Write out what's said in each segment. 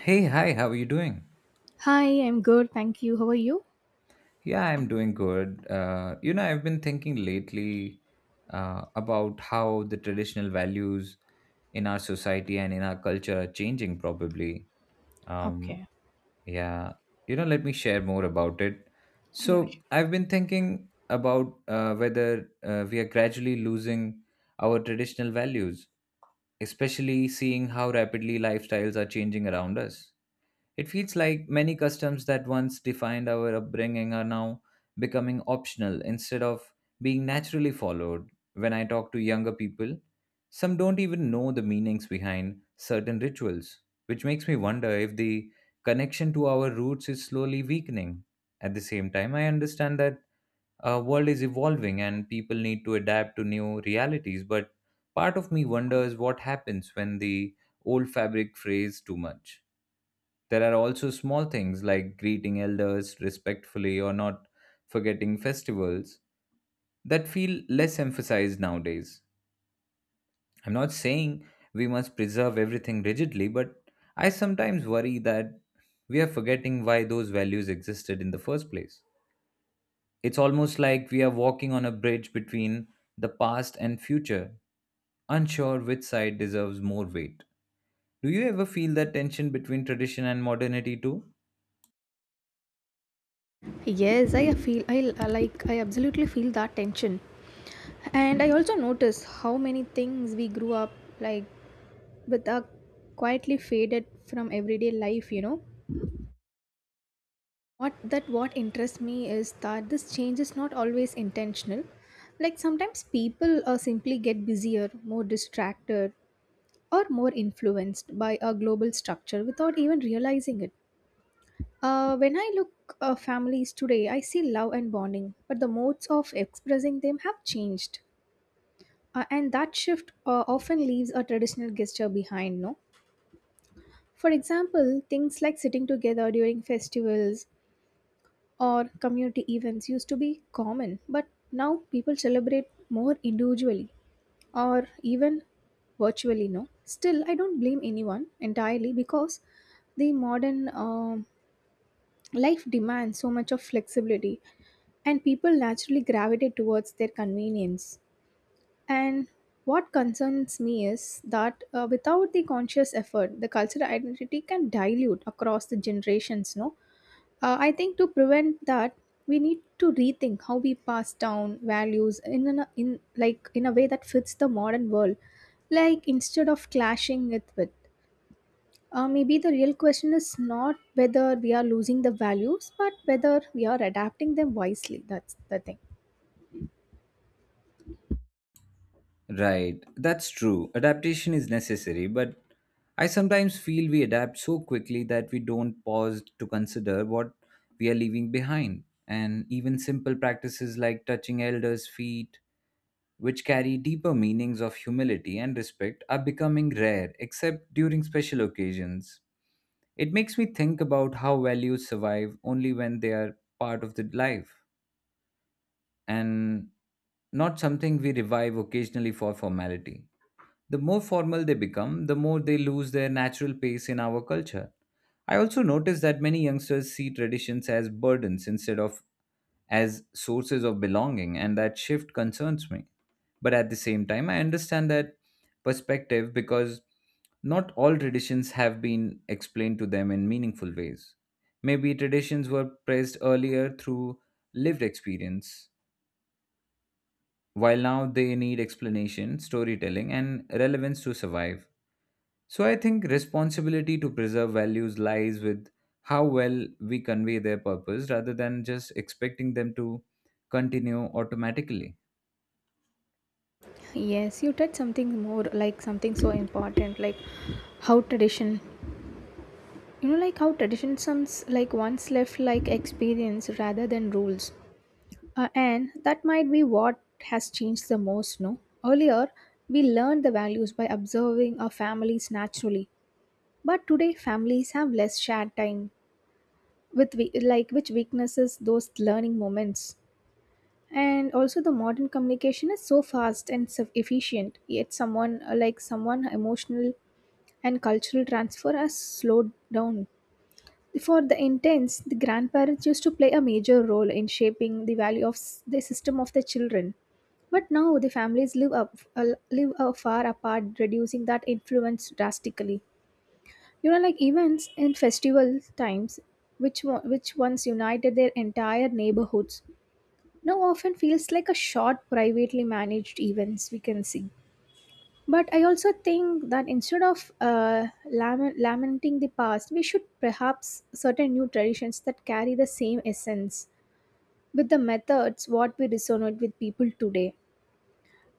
Hey, hi, how are you doing? Hi, I'm good. Thank you. How are you? Yeah, I'm doing good. You know, I've been thinking lately about how the traditional values in our society and in our culture are changing, probably. Um, Okay. yeah, you know, let me share more about it. Yeah. Sure. So, I've been thinking about whether we are gradually losing our traditional values, especially seeing how rapidly lifestyles are changing around us. It feels like many customs that once defined our upbringing are now becoming optional instead of being naturally followed. When I talk to younger people, some don't even know the meanings behind certain rituals, which makes me wonder if the connection to our roots is slowly weakening. At the same time, I understand that our world is evolving and people need to adapt to new realities, but part of me wonders what happens when the old fabric frays too much. There are also small things like greeting elders respectfully or not forgetting festivals that feel less emphasized nowadays. I'm not saying we must preserve everything rigidly, but I sometimes worry that we are forgetting why those values existed in the first place. It's almost like we are walking on a bridge between the past and future, unsure which side deserves more weight. Do you ever feel that tension between tradition and modernity too? Yes, I feel I absolutely feel that tension. And I also notice how many things we grew up like with are quietly faded from everyday life. What interests me is that this change is not always intentional. Like sometimes people simply get busier, more distracted, or more influenced by a global structure without even realizing it. When I look families today, I see love and bonding, but the modes of expressing them have changed, and that shift often leaves a traditional gesture behind. No, for example, things like sitting together during festivals or community events used to be common, but now people celebrate more individually or even virtually. No, still, I don't blame anyone entirely because the modern life demands so much of flexibility, and people naturally gravitate towards their convenience. And what concerns me is that without the conscious effort, the cultural identity can dilute across the generations. No, I think to prevent that, we need to rethink how we pass down values in an, in like in a way that fits the modern world. Like instead of clashing it with, maybe the real question is not whether we are losing the values, but whether we are adapting them wisely. That's the thing. Right, that's true. Adaptation is necessary, but I sometimes feel we adapt so quickly that we don't pause to consider what we are leaving behind. And even simple practices like touching elders' feet, which carry deeper meanings of humility and respect, are becoming rare, except during special occasions. It makes me think about how values survive only when they are part of the life and not something we revive occasionally for formality. The more formal they become, the more they lose their natural pace in our culture. I also notice that many youngsters see traditions as burdens instead of as sources of belonging, and that shift concerns me. But at the same time, I understand that perspective because not all traditions have been explained to them in meaningful ways. Maybe traditions were praised earlier through lived experience, while now they need explanation, storytelling, and relevance to survive. So I think responsibility to preserve values lies with how well we convey their purpose rather than just expecting them to continue automatically. Yes, you touched something more like something so important, like how tradition somes like once left like experience rather than rules, and that might be what has changed the most. No, earlier we learned the values by observing our families naturally, but today families have less shared time with we, like which weaknesses those learning moments, and also the modern communication is so fast and so efficient yet someone like someone emotional and cultural transfer has slowed down. For the intense, the grandparents used to play a major role in shaping the system of the children. But now the families live far apart, reducing that influence drastically. You know, like events and festival times, which once united their entire neighborhoods, now often feels like a short, privately managed events. We can see, but I also think that instead of lamenting the past, we should perhaps certain new traditions that carry the same essence with the methods what we resonate with people today.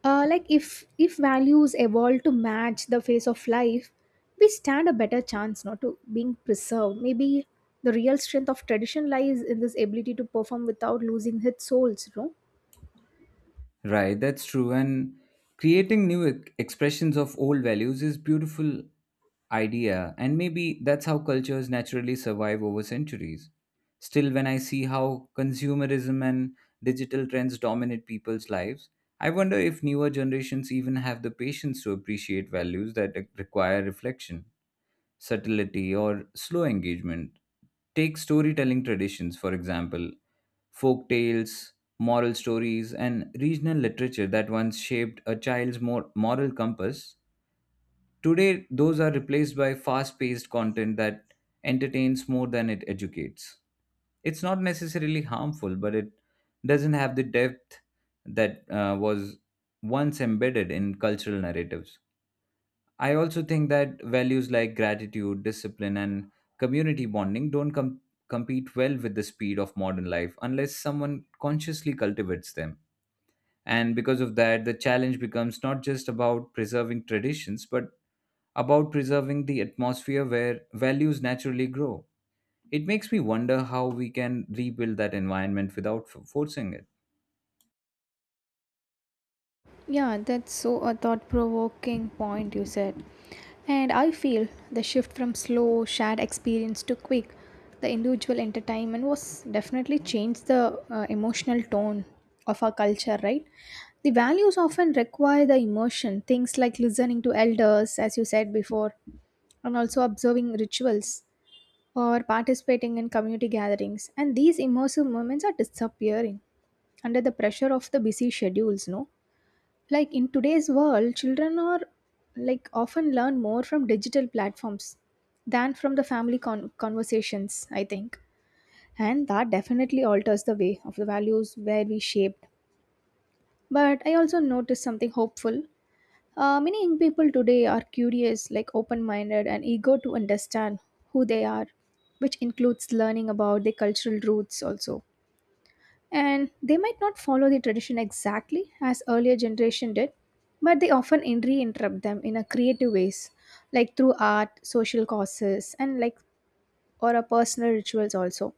Like if values evolve to match the phase of life, we stand a better chance not to being preserved. Maybe the real strength of tradition lies in this ability to perform without losing its souls. No. Right, that's true. And creating expressions of old values is beautiful idea and maybe that's how cultures naturally survive over centuries. Still when I see how consumerism and digital trends dominate people's lives, I wonder if newer generations even have the patience to appreciate values that require reflection subtlety, or slow engagement. Take storytelling traditions, for example, folk tales, moral stories, and regional literature that once shaped a moral compass. Today, those are replaced by fast paced content that entertains more than it educates. It's not necessarily harmful, but it doesn't have the depth that was once embedded in cultural narratives. I also think that values like gratitude, discipline, and community bonding don't com- compete well with the speed of modern life unless someone consciously cultivates them. And because of that, the challenge becomes not just about preserving traditions, but about preserving the atmosphere where values naturally grow. It makes me wonder how we can rebuild that environment without forcing it. Yeah, that's so a thought provoking point you said. And I feel the shift from slow shared experience to quick, the individual entertainment was definitely changed the emotional tone of our culture, right? The values often require the immersion, things like listening to elders, as you said before, and also observing rituals or participating in community gatherings. And these immersive moments are disappearing under the pressure of the busy schedules, no? Like in today's world children are like often learn more from digital platforms than from the family conversations I think, and that definitely alters the way of the values where we shaped. But I also noticed something hopeful. Many young people today are curious like open-minded and eager to understand who they are, which includes learning about their cultural roots also, and they might not follow the tradition exactly as earlier generation did, but they often reinterrupt them in a creative ways, like through art social causes and like or a personal rituals also.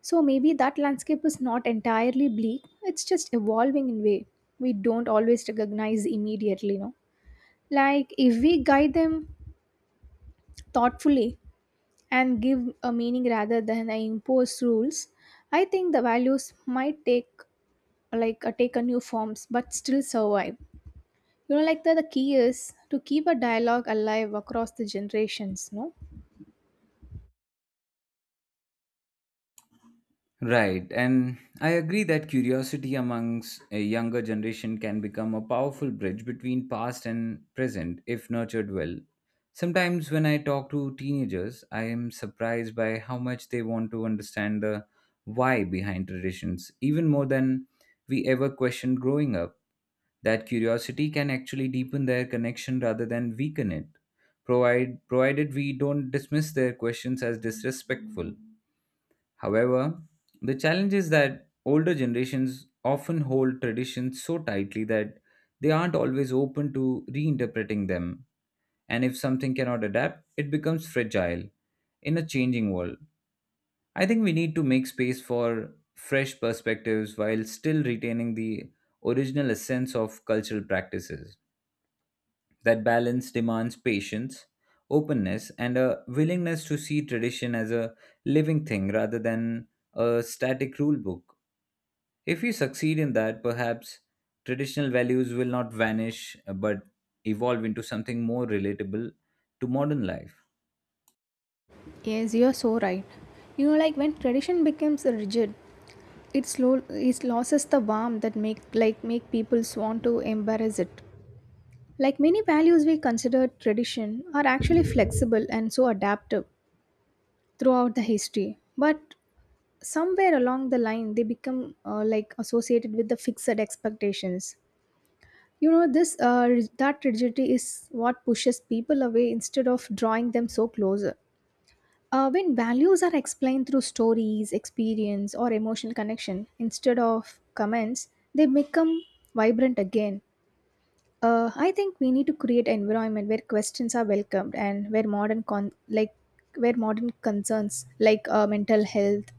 So maybe that landscape is not entirely bleak, it's just evolving in way we don't always recognize immediately, no? Like if we guide them thoughtfully and give a meaning rather than I impose rules, I think the values might take take a new forms but still survive. You know, like the key is to keep a dialogue alive across the generations, no? Right, and I agree that curiosity amongst a younger generation can become a powerful bridge between past and present if nurtured well. Sometimes when I talk to teenagers, I am surprised by how much they want to understand the why behind traditions, even more than we ever questioned growing up. That curiosity can actually deepen their connection rather than weaken it, provided we don't dismiss their questions as disrespectful. However, the challenge is that older generations often hold traditions so tightly that they aren't always open to reinterpreting them. And if something cannot adapt, it becomes fragile in a changing world. I think we need to make space for fresh perspectives while still retaining the original essence of cultural practices. That balance demands patience, openness, and a willingness to see tradition as a living thing rather than a static rule book. If we succeed in that, perhaps traditional values will not vanish but evolve into something more relatable to modern life. Yes, you're so right. You know, like when tradition becomes rigid, it slow it loses the warmth that make people want to embrace it. Like many values we consider tradition are actually flexible and so adaptive throughout the history, but somewhere along the line they become like associated with the fixed expectations. You know that rigidity is what pushes people away instead of drawing them so closer. When values are explained through stories experience or emotional connection instead of comments, they become vibrant again. I think we need to create an environment where questions are welcomed, and where modern concerns like mental health,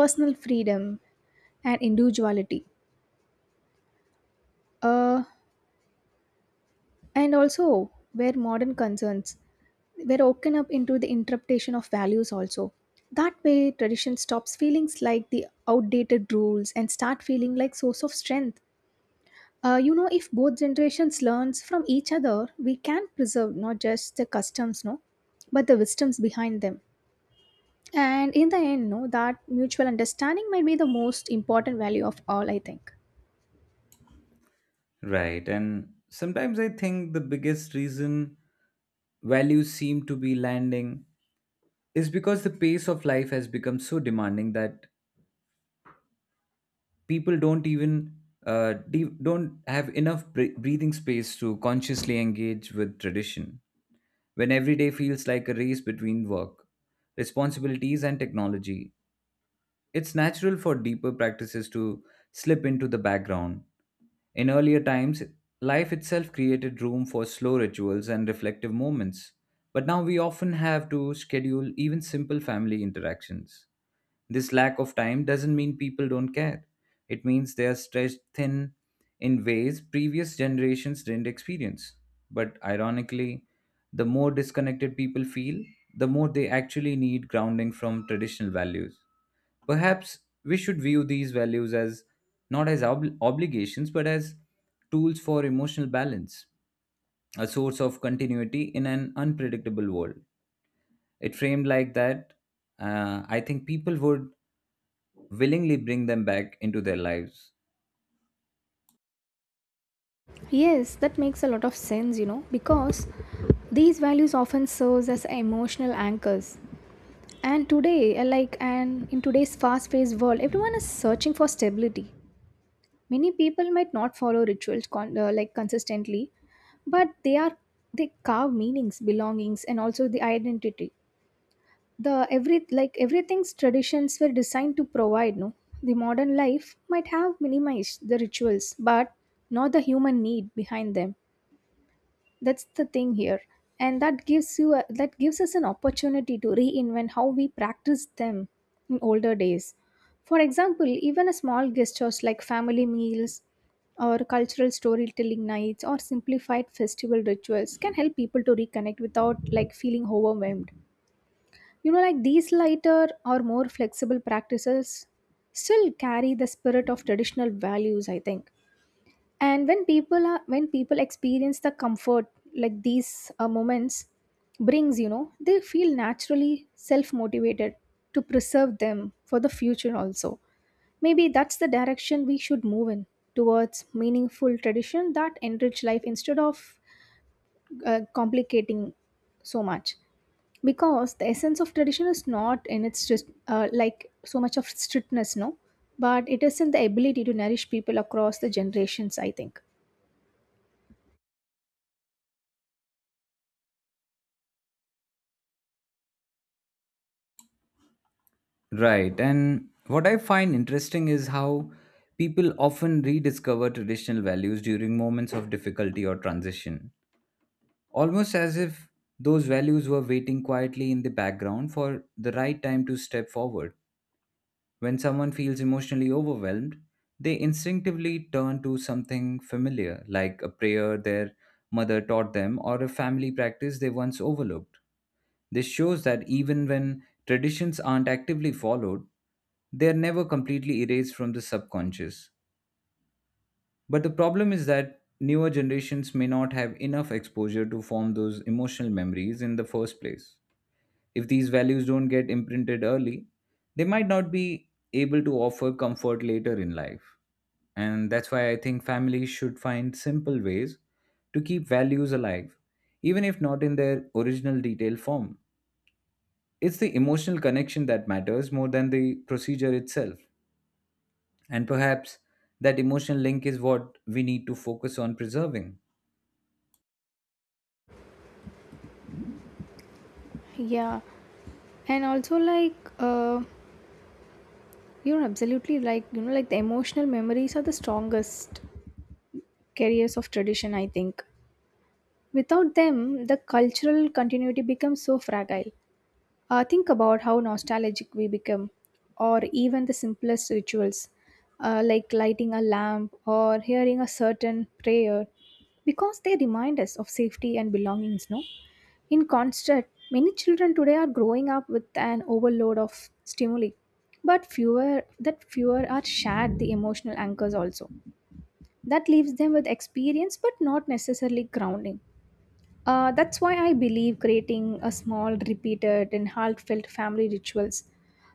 personal freedom, and individuality, uh, and also where modern concerns were woken up into the interpretation of values also. That way tradition stops feeling like the outdated rules and start feeling like source of strength. You know if both generations learns from each other, we can preserve not just the customs, no, but the wisdoms behind them. And in the end, no, that mutual understanding might be the most important value of all I think. Right, and sometimes I think the biggest reason values seem to be landing is because the pace of life has become so demanding that people don't even de- don't have enough breathing space to consciously engage with tradition when every day feels like a race between work responsibilities and technology. It's natural for deeper practices to slip into the background. In earlier times life itself created room for slow rituals and reflective moments, but now we often have to schedule even simple family interactions. This lack of time doesn't mean people don't care. It means they are stretched thin in ways previous generations didn't experience. But ironically, the more disconnected people feel, the more they actually need grounding from traditional values. Perhaps we should view these values as not as ob- obligations but as tools for emotional balance, a source of continuity in an unpredictable world. It framed like that, I think people would willingly bring them back into their lives. Yes, that makes a lot of sense, you know, because these values often serves as emotional anchors. And today, like, and in today's fast-paced world, everyone is searching for stability. Many people might not follow rituals like consistently, but they carve meanings, belongings, and also the identity. The every like everything's traditions were designed to provide. No, the modern life might have minimized the rituals, but not the human need behind them. That's the thing here. And that gives us an opportunity to reinvent how we practice them in older days. For example even a small gestures like family meals or cultural storytelling nights or simplified festival rituals can help people to reconnect without like feeling overwhelmed. You know like these lighter or more flexible practices still carry the spirit of traditional values I think. And when people experience the comfort like these moments brings, you know, they feel naturally self motivated to preserve them for the future also. Maybe that's the direction we should move in, towards meaningful tradition that enrich life instead of complicating so much, because the essence of tradition is not in its just like so much of strictness, no, but it is in the ability to nourish people across the generations I think. Right. And what I find interesting is how people often rediscover traditional values during moments of difficulty or transition, almost as if those values were waiting quietly in the background for the right time to step forward. When someone feels emotionally overwhelmed, they instinctively turn to something familiar, like a prayer their mother taught them or a family practice they once overlooked. This shows that even when traditions aren't actively followed, they are never completely erased from the subconscious. But the problem is that newer generations may not have enough exposure to form those emotional memories in the first place. If these values don't get imprinted early, they might not be able to offer comfort later in life. And that's why I think families should find simple ways to keep values alive, even if not in their original detailed form. It's the emotional connection that matters more than the procedure itself. And perhaps that emotional link is what we need to focus on preserving. Yeah. And also, you're absolutely like, you know, like the emotional memories are the strongest carriers of tradition, I think. Without them, the cultural continuity becomes so fragile. Think about how nostalgic we become, or even the simplest rituals, like lighting a lamp or hearing a certain prayer, because they remind us of safety and belongings, no? In concert, many children today are growing up with an overload of stimuli, but fewer are shared the emotional anchors also. That leaves them with experience but not necessarily grounding. That's why I believe creating a small, repeated, and heartfelt family rituals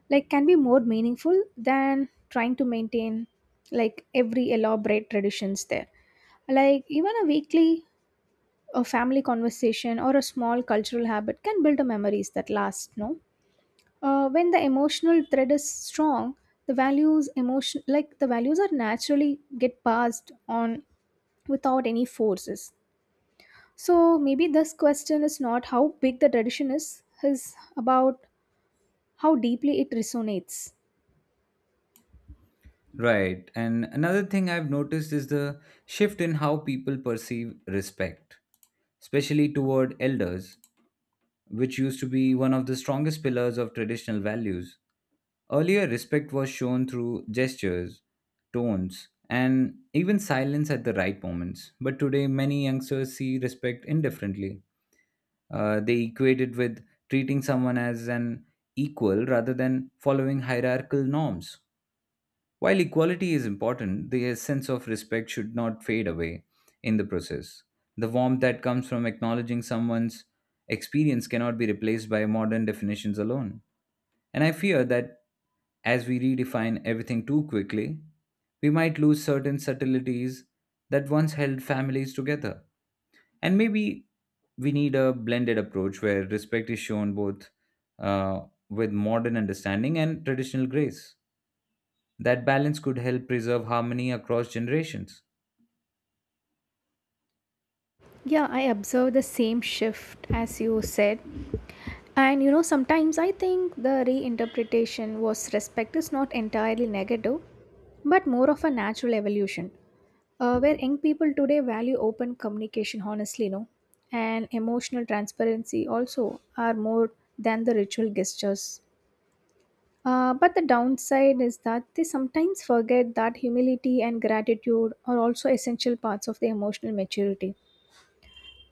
like can be more meaningful than trying to maintain like every elaborate traditions there. Like even a weekly a family conversation or a small cultural habit can build a memories that last, no? When the emotional thread is strong, the values are naturally get passed on without any forces. So maybe this question is not how big the tradition is about how deeply it resonates. Right. And another thing I've noticed is the shift in how people perceive respect, especially toward elders, which used to be one of the strongest pillars of traditional values. Earlier, respect was shown through gestures, tones, and even silence at the right moments. But today, many youngsters see respect indifferently. They equate it with treating someone as an equal rather than following hierarchical norms. While equality is important, the sense of respect should not fade away in the process. The warmth that comes from acknowledging someone's experience cannot be replaced by modern definitions alone. And I fear that as we redefine everything too quickly, we might lose certain subtleties that once held families together. And maybe we need a blended approach where respect is shown both uh, with modern understanding and traditional grace. That balance could help preserve harmony across generations. Yeah, I observe the same shift as you said. And you know, sometimes I think the reinterpretation was respect is not entirely negative, but more of a natural evolution. Where young people today value open communication, honestly, no, and emotional transparency also are more than the ritual gestures. But the downside is that they sometimes forget that humility and gratitude are also essential parts of the emotional maturity.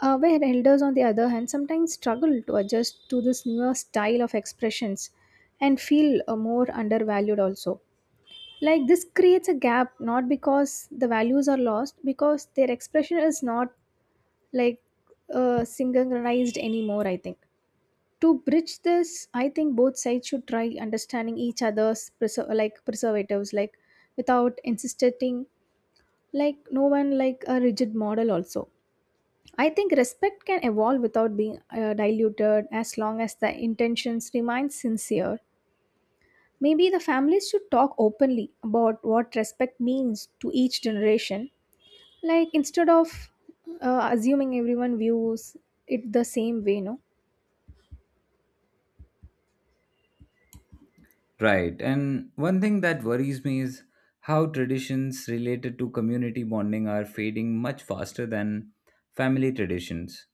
Where elders, on the other hand, sometimes struggle to adjust to this newer style of expressions and feel more undervalued also. Like this creates a gap not because the values are lost, because their expression is not like synchronized anymore, I think. To bridge this, I think both sides should try understanding each other's preservatives, like without insisting, like no one like a rigid model also. I think respect can evolve without being diluted as long as the intentions remain sincere. Maybe the families should talk openly about what respect means to each generation, like instead of assuming everyone views it the same way, no? Right. And one thing that worries me is how traditions related to community bonding are fading much faster than family traditions.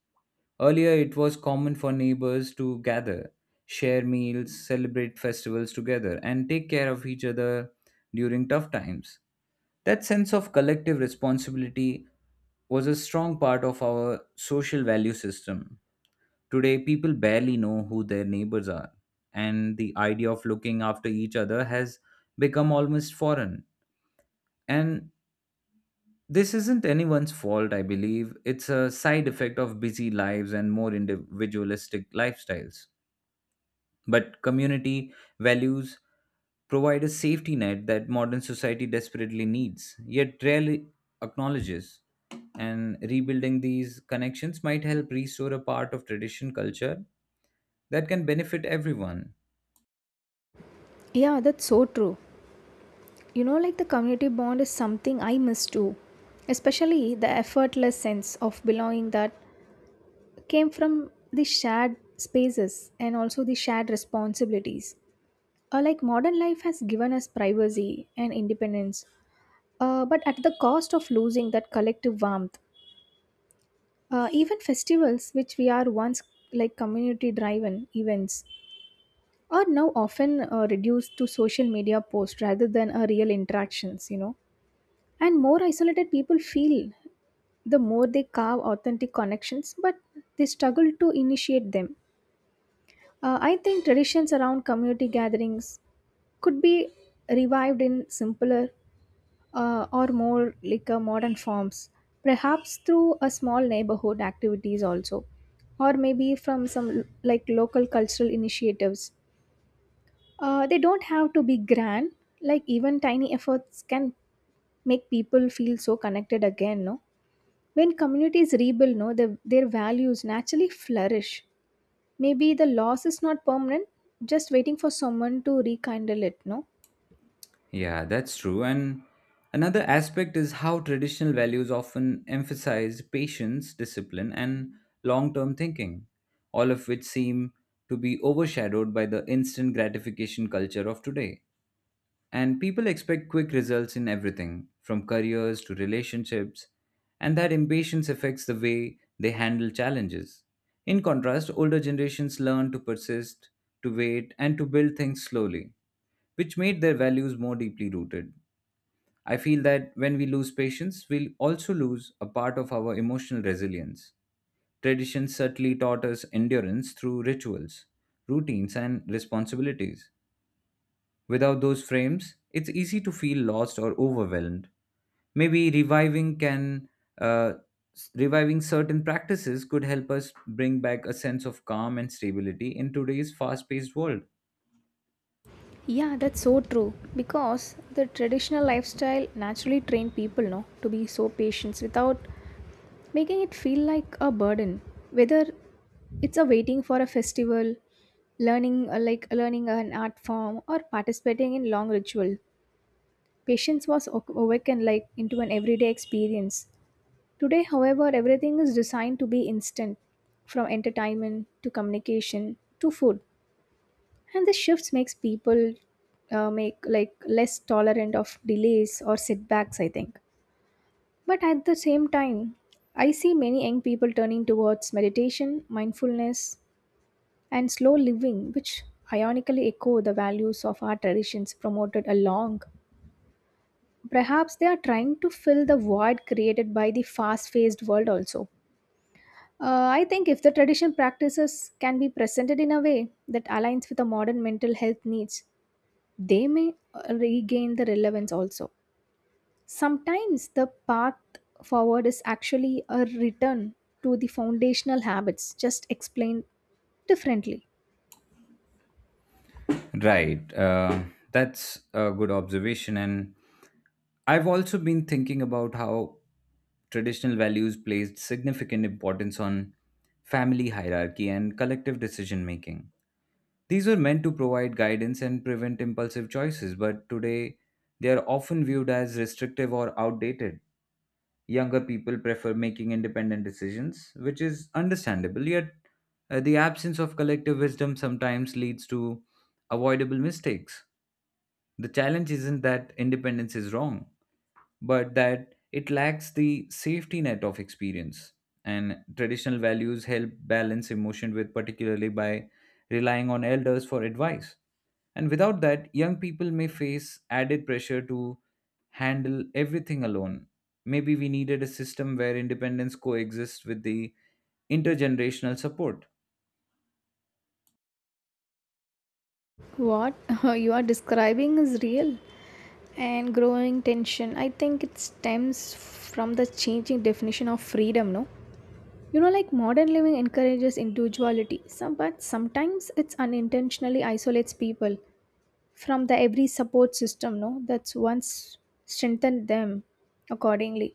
Earlier, it was common for neighbors to gather, share meals, celebrate festivals together, and take care of each other during tough times. That sense of collective responsibility was a strong part of our social value system. Today, people barely know who their neighbors are, and the idea of looking after each other has become almost foreign. And this isn't anyone's fault, I believe. It's a side effect of busy lives and more individualistic lifestyles. But community values provide a safety net that modern society desperately needs, yet rarely acknowledges. And rebuilding these connections might help restore a part of tradition culture that can benefit everyone. Yeah, that's so true. You know, like the community bond is something I miss too, especially the effortless sense of belonging that came from the shared spaces and also the shared responsibilities. Like modern life has given us privacy and independence, but at the cost of losing that collective warmth. Even festivals, which we are once like community driven events, are now often reduced to social media posts rather than real interactions, you know. And more isolated people feel, the more they carve authentic connections, but they struggle to initiate them. I think traditions around community gatherings could be revived in simpler or more like modern forms, perhaps through a small neighborhood activities also, or maybe from some like local cultural initiatives. They don't have to be grand. Like even tiny efforts can make people feel so connected again. No, when communities rebuild, no, their values naturally flourish. Maybe the loss is not permanent, just waiting for someone to rekindle it. No. Yeah, that's true. And another aspect is how traditional values often emphasize patience, discipline, and long term thinking, all of which seem to be overshadowed by the instant gratification culture of today. And people expect quick results in everything, from careers to relationships, and that impatience affects the way they handle challenges. In contrast, older generations learn to persist, to wait, and to build things slowly, which made their values more deeply rooted. I feel that when we lose patience, we'll also lose a part of our emotional resilience. Tradition certainly taught us endurance through rituals, routines, and responsibilities. Without those frames, it's easy to feel lost or overwhelmed. Maybe uh, reviving certain practices could help us bring back a sense of calm and stability in today's fast-paced world. Yeah, that's so true. Because the traditional lifestyle naturally trained people, no, to be so patient without making it feel like a burden. Whether it's a waiting for a festival, learning like learning an art form, or participating in long ritual, patience was awakened like into an everyday experience. Today, however, everything is designed to be instant, from entertainment to communication to food, and the shifts makes people make like less tolerant of delays or setbacks, I think. But at the same time, I see many young people turning towards meditation mindfulness and slow living, which ironically echo the values of our traditions promoted along. Perhaps they are trying to fill the void created by the fast-paced world also. I think if the tradition practices can be presented in a way that aligns with the modern mental health needs, they may regain the relevance also. Sometimes the path forward is actually a return to the foundational habits, just explained differently. Right. That's a good observation. And I've also been thinking about how traditional values placed significant importance on family hierarchy and collective decision making. These were meant to provide guidance and prevent impulsive choices, but today they are often viewed as restrictive or outdated. Younger people prefer making independent decisions, which is understandable, yet, the absence of collective wisdom sometimes leads to avoidable mistakes. The challenge isn't that independence is wrong, but that it lacks the safety net of experience. And traditional values help balance emotion with, particularly by relying on elders for advice. And without that, young people may face added pressure to handle everything alone. Maybe we needed a system where independence coexists with the intergenerational support. What you are describing is real and growing tension. I think it stems from the changing definition of freedom, no? You know, like modern living encourages individuality, some, but sometimes it's unintentionally isolates people from the every support system, no, that's once strengthened them accordingly.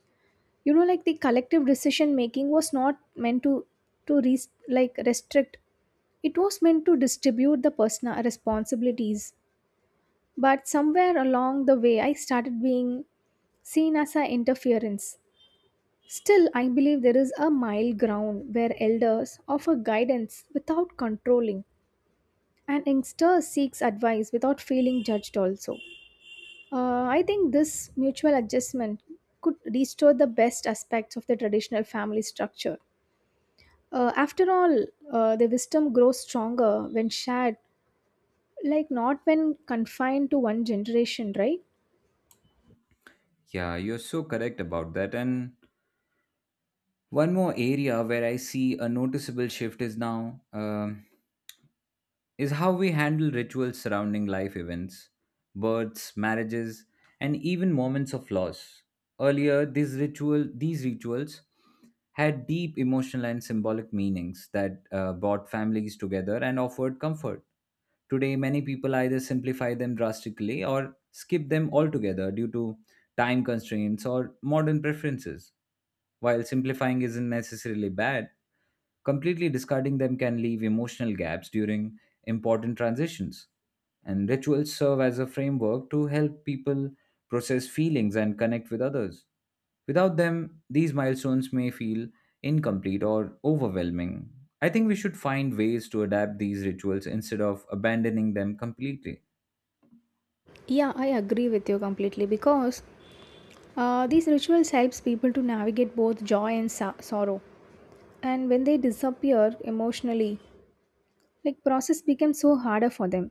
You know, like the collective decision making was not meant to like restrict, it was meant to distribute the personal responsibilities. But somewhere along the way I started being seen as an interference. Still, I believe there is a mild ground where elders offer guidance without controlling, and youngster seeks advice without feeling judged also. I think this mutual adjustment could restore the best aspects of the traditional family structure. After all, the wisdom grows stronger when shared, like not when confined to one generation, right? Yeah, you're so correct about that. And one more area where I see a noticeable shift is now. Is how we handle rituals surrounding life events, births, marriages, and even moments of loss. Earlier, these rituals had deep emotional and symbolic meanings that brought families together and offered comfort. Today, many people either simplify them drastically or skip them altogether due to time constraints or modern preferences. While simplifying isn't necessarily bad, completely discarding them can leave emotional gaps during important transitions. And rituals serve as a framework to help people process feelings and connect with others. Without them, these milestones may feel incomplete or overwhelming. I think we should find ways to adapt these rituals instead of abandoning them completely. Yeah, I agree with you completely because these rituals helps people to navigate both joy and sorrow. And when they disappear emotionally, like process became so harder for them.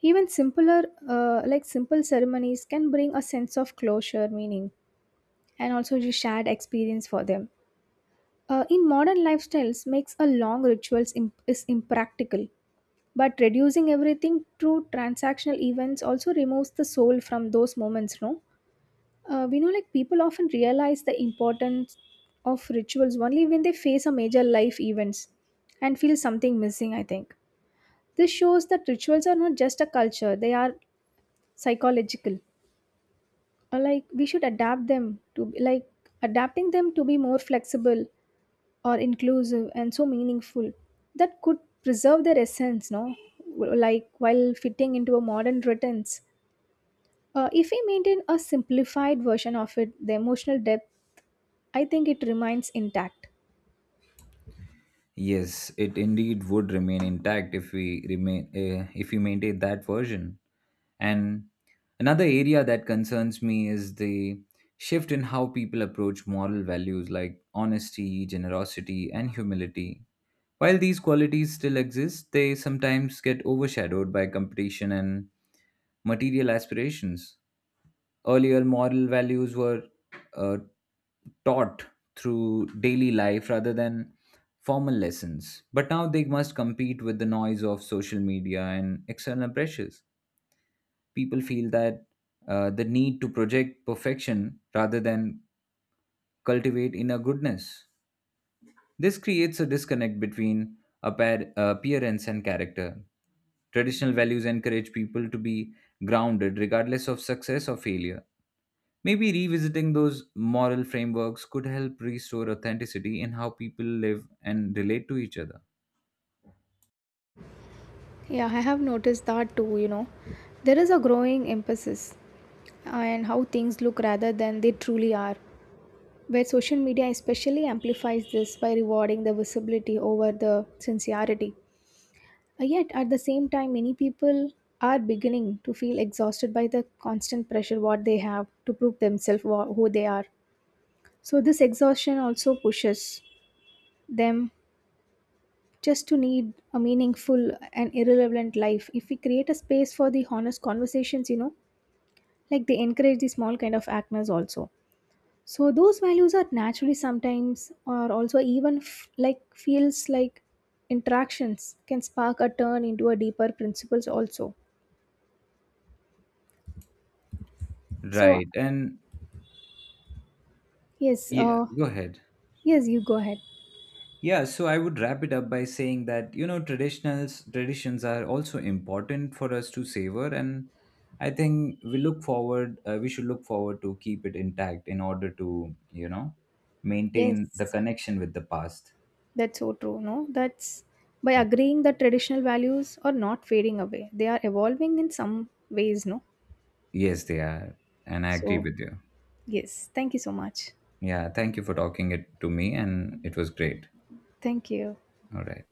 Even simpler like simple ceremonies can bring a sense of closure meaning and also the shared experience for them. In modern lifestyles makes a long rituals is impractical, but reducing everything to transactional events also removes the soul from those moments, no. We know, like people often realize the importance of rituals only when they face a major life events and feel something missing, I think. This shows that rituals are not just a culture, they are psychological. Or like we should adapt them like adapting them to be more flexible or inclusive and so meaningful that could preserve their essence, no? Like while fitting into a modern routines. If we maintain a simplified version of it, the emotional depth, I think it remains intact. Yes, it indeed would remain intact if we remain if we maintain that version. And another area that concerns me is the shift in how people approach moral values like honesty, generosity, and humility. While these qualities still exist, they sometimes get overshadowed by competition and material aspirations. Earlier, moral values were uh, taught through daily life rather than formal lessons, but now they must compete with the noise of social media and external pressures people feel that the need to project perfection rather than cultivate inner goodness. This creates a disconnect between appearance and character. Traditional values encourage people to be grounded regardless of success or failure. Maybe revisiting those moral frameworks could help restore authenticity in how people live and relate to each other. Yeah, I have noticed that too, you know. There is a growing emphasis on how things look rather than they truly are, where social media especially amplifies this by rewarding the visibility over the sincerity. Yet, at the same time, many people are beginning to feel exhausted by the constant pressure what they have to prove themselves who they are. So, this exhaustion also pushes them just to need a meaningful and irrelevant life. If we create a space for the honest conversations, you know, like they encourage the small kind of actors also. So those values are naturally sometimes or also even like feels like interactions can spark a turn into a deeper principles also. So Right. And yes, yeah, go ahead. yes, you go ahead. Yeah, so I would wrap it up by saying that you know traditionals traditions are also important for us to savor, and I think we look forward. We should look forward to keep it intact in order to you know maintain the Yes, connection with the past. that's so true, no, that's by Yeah. agreeing that traditional values are not fading away, they are evolving in some ways, no? Yes, they are, and I agree So with you. yes, thank you so much. Yeah, thank you for talking it to me, and it was great. Thank you. All right.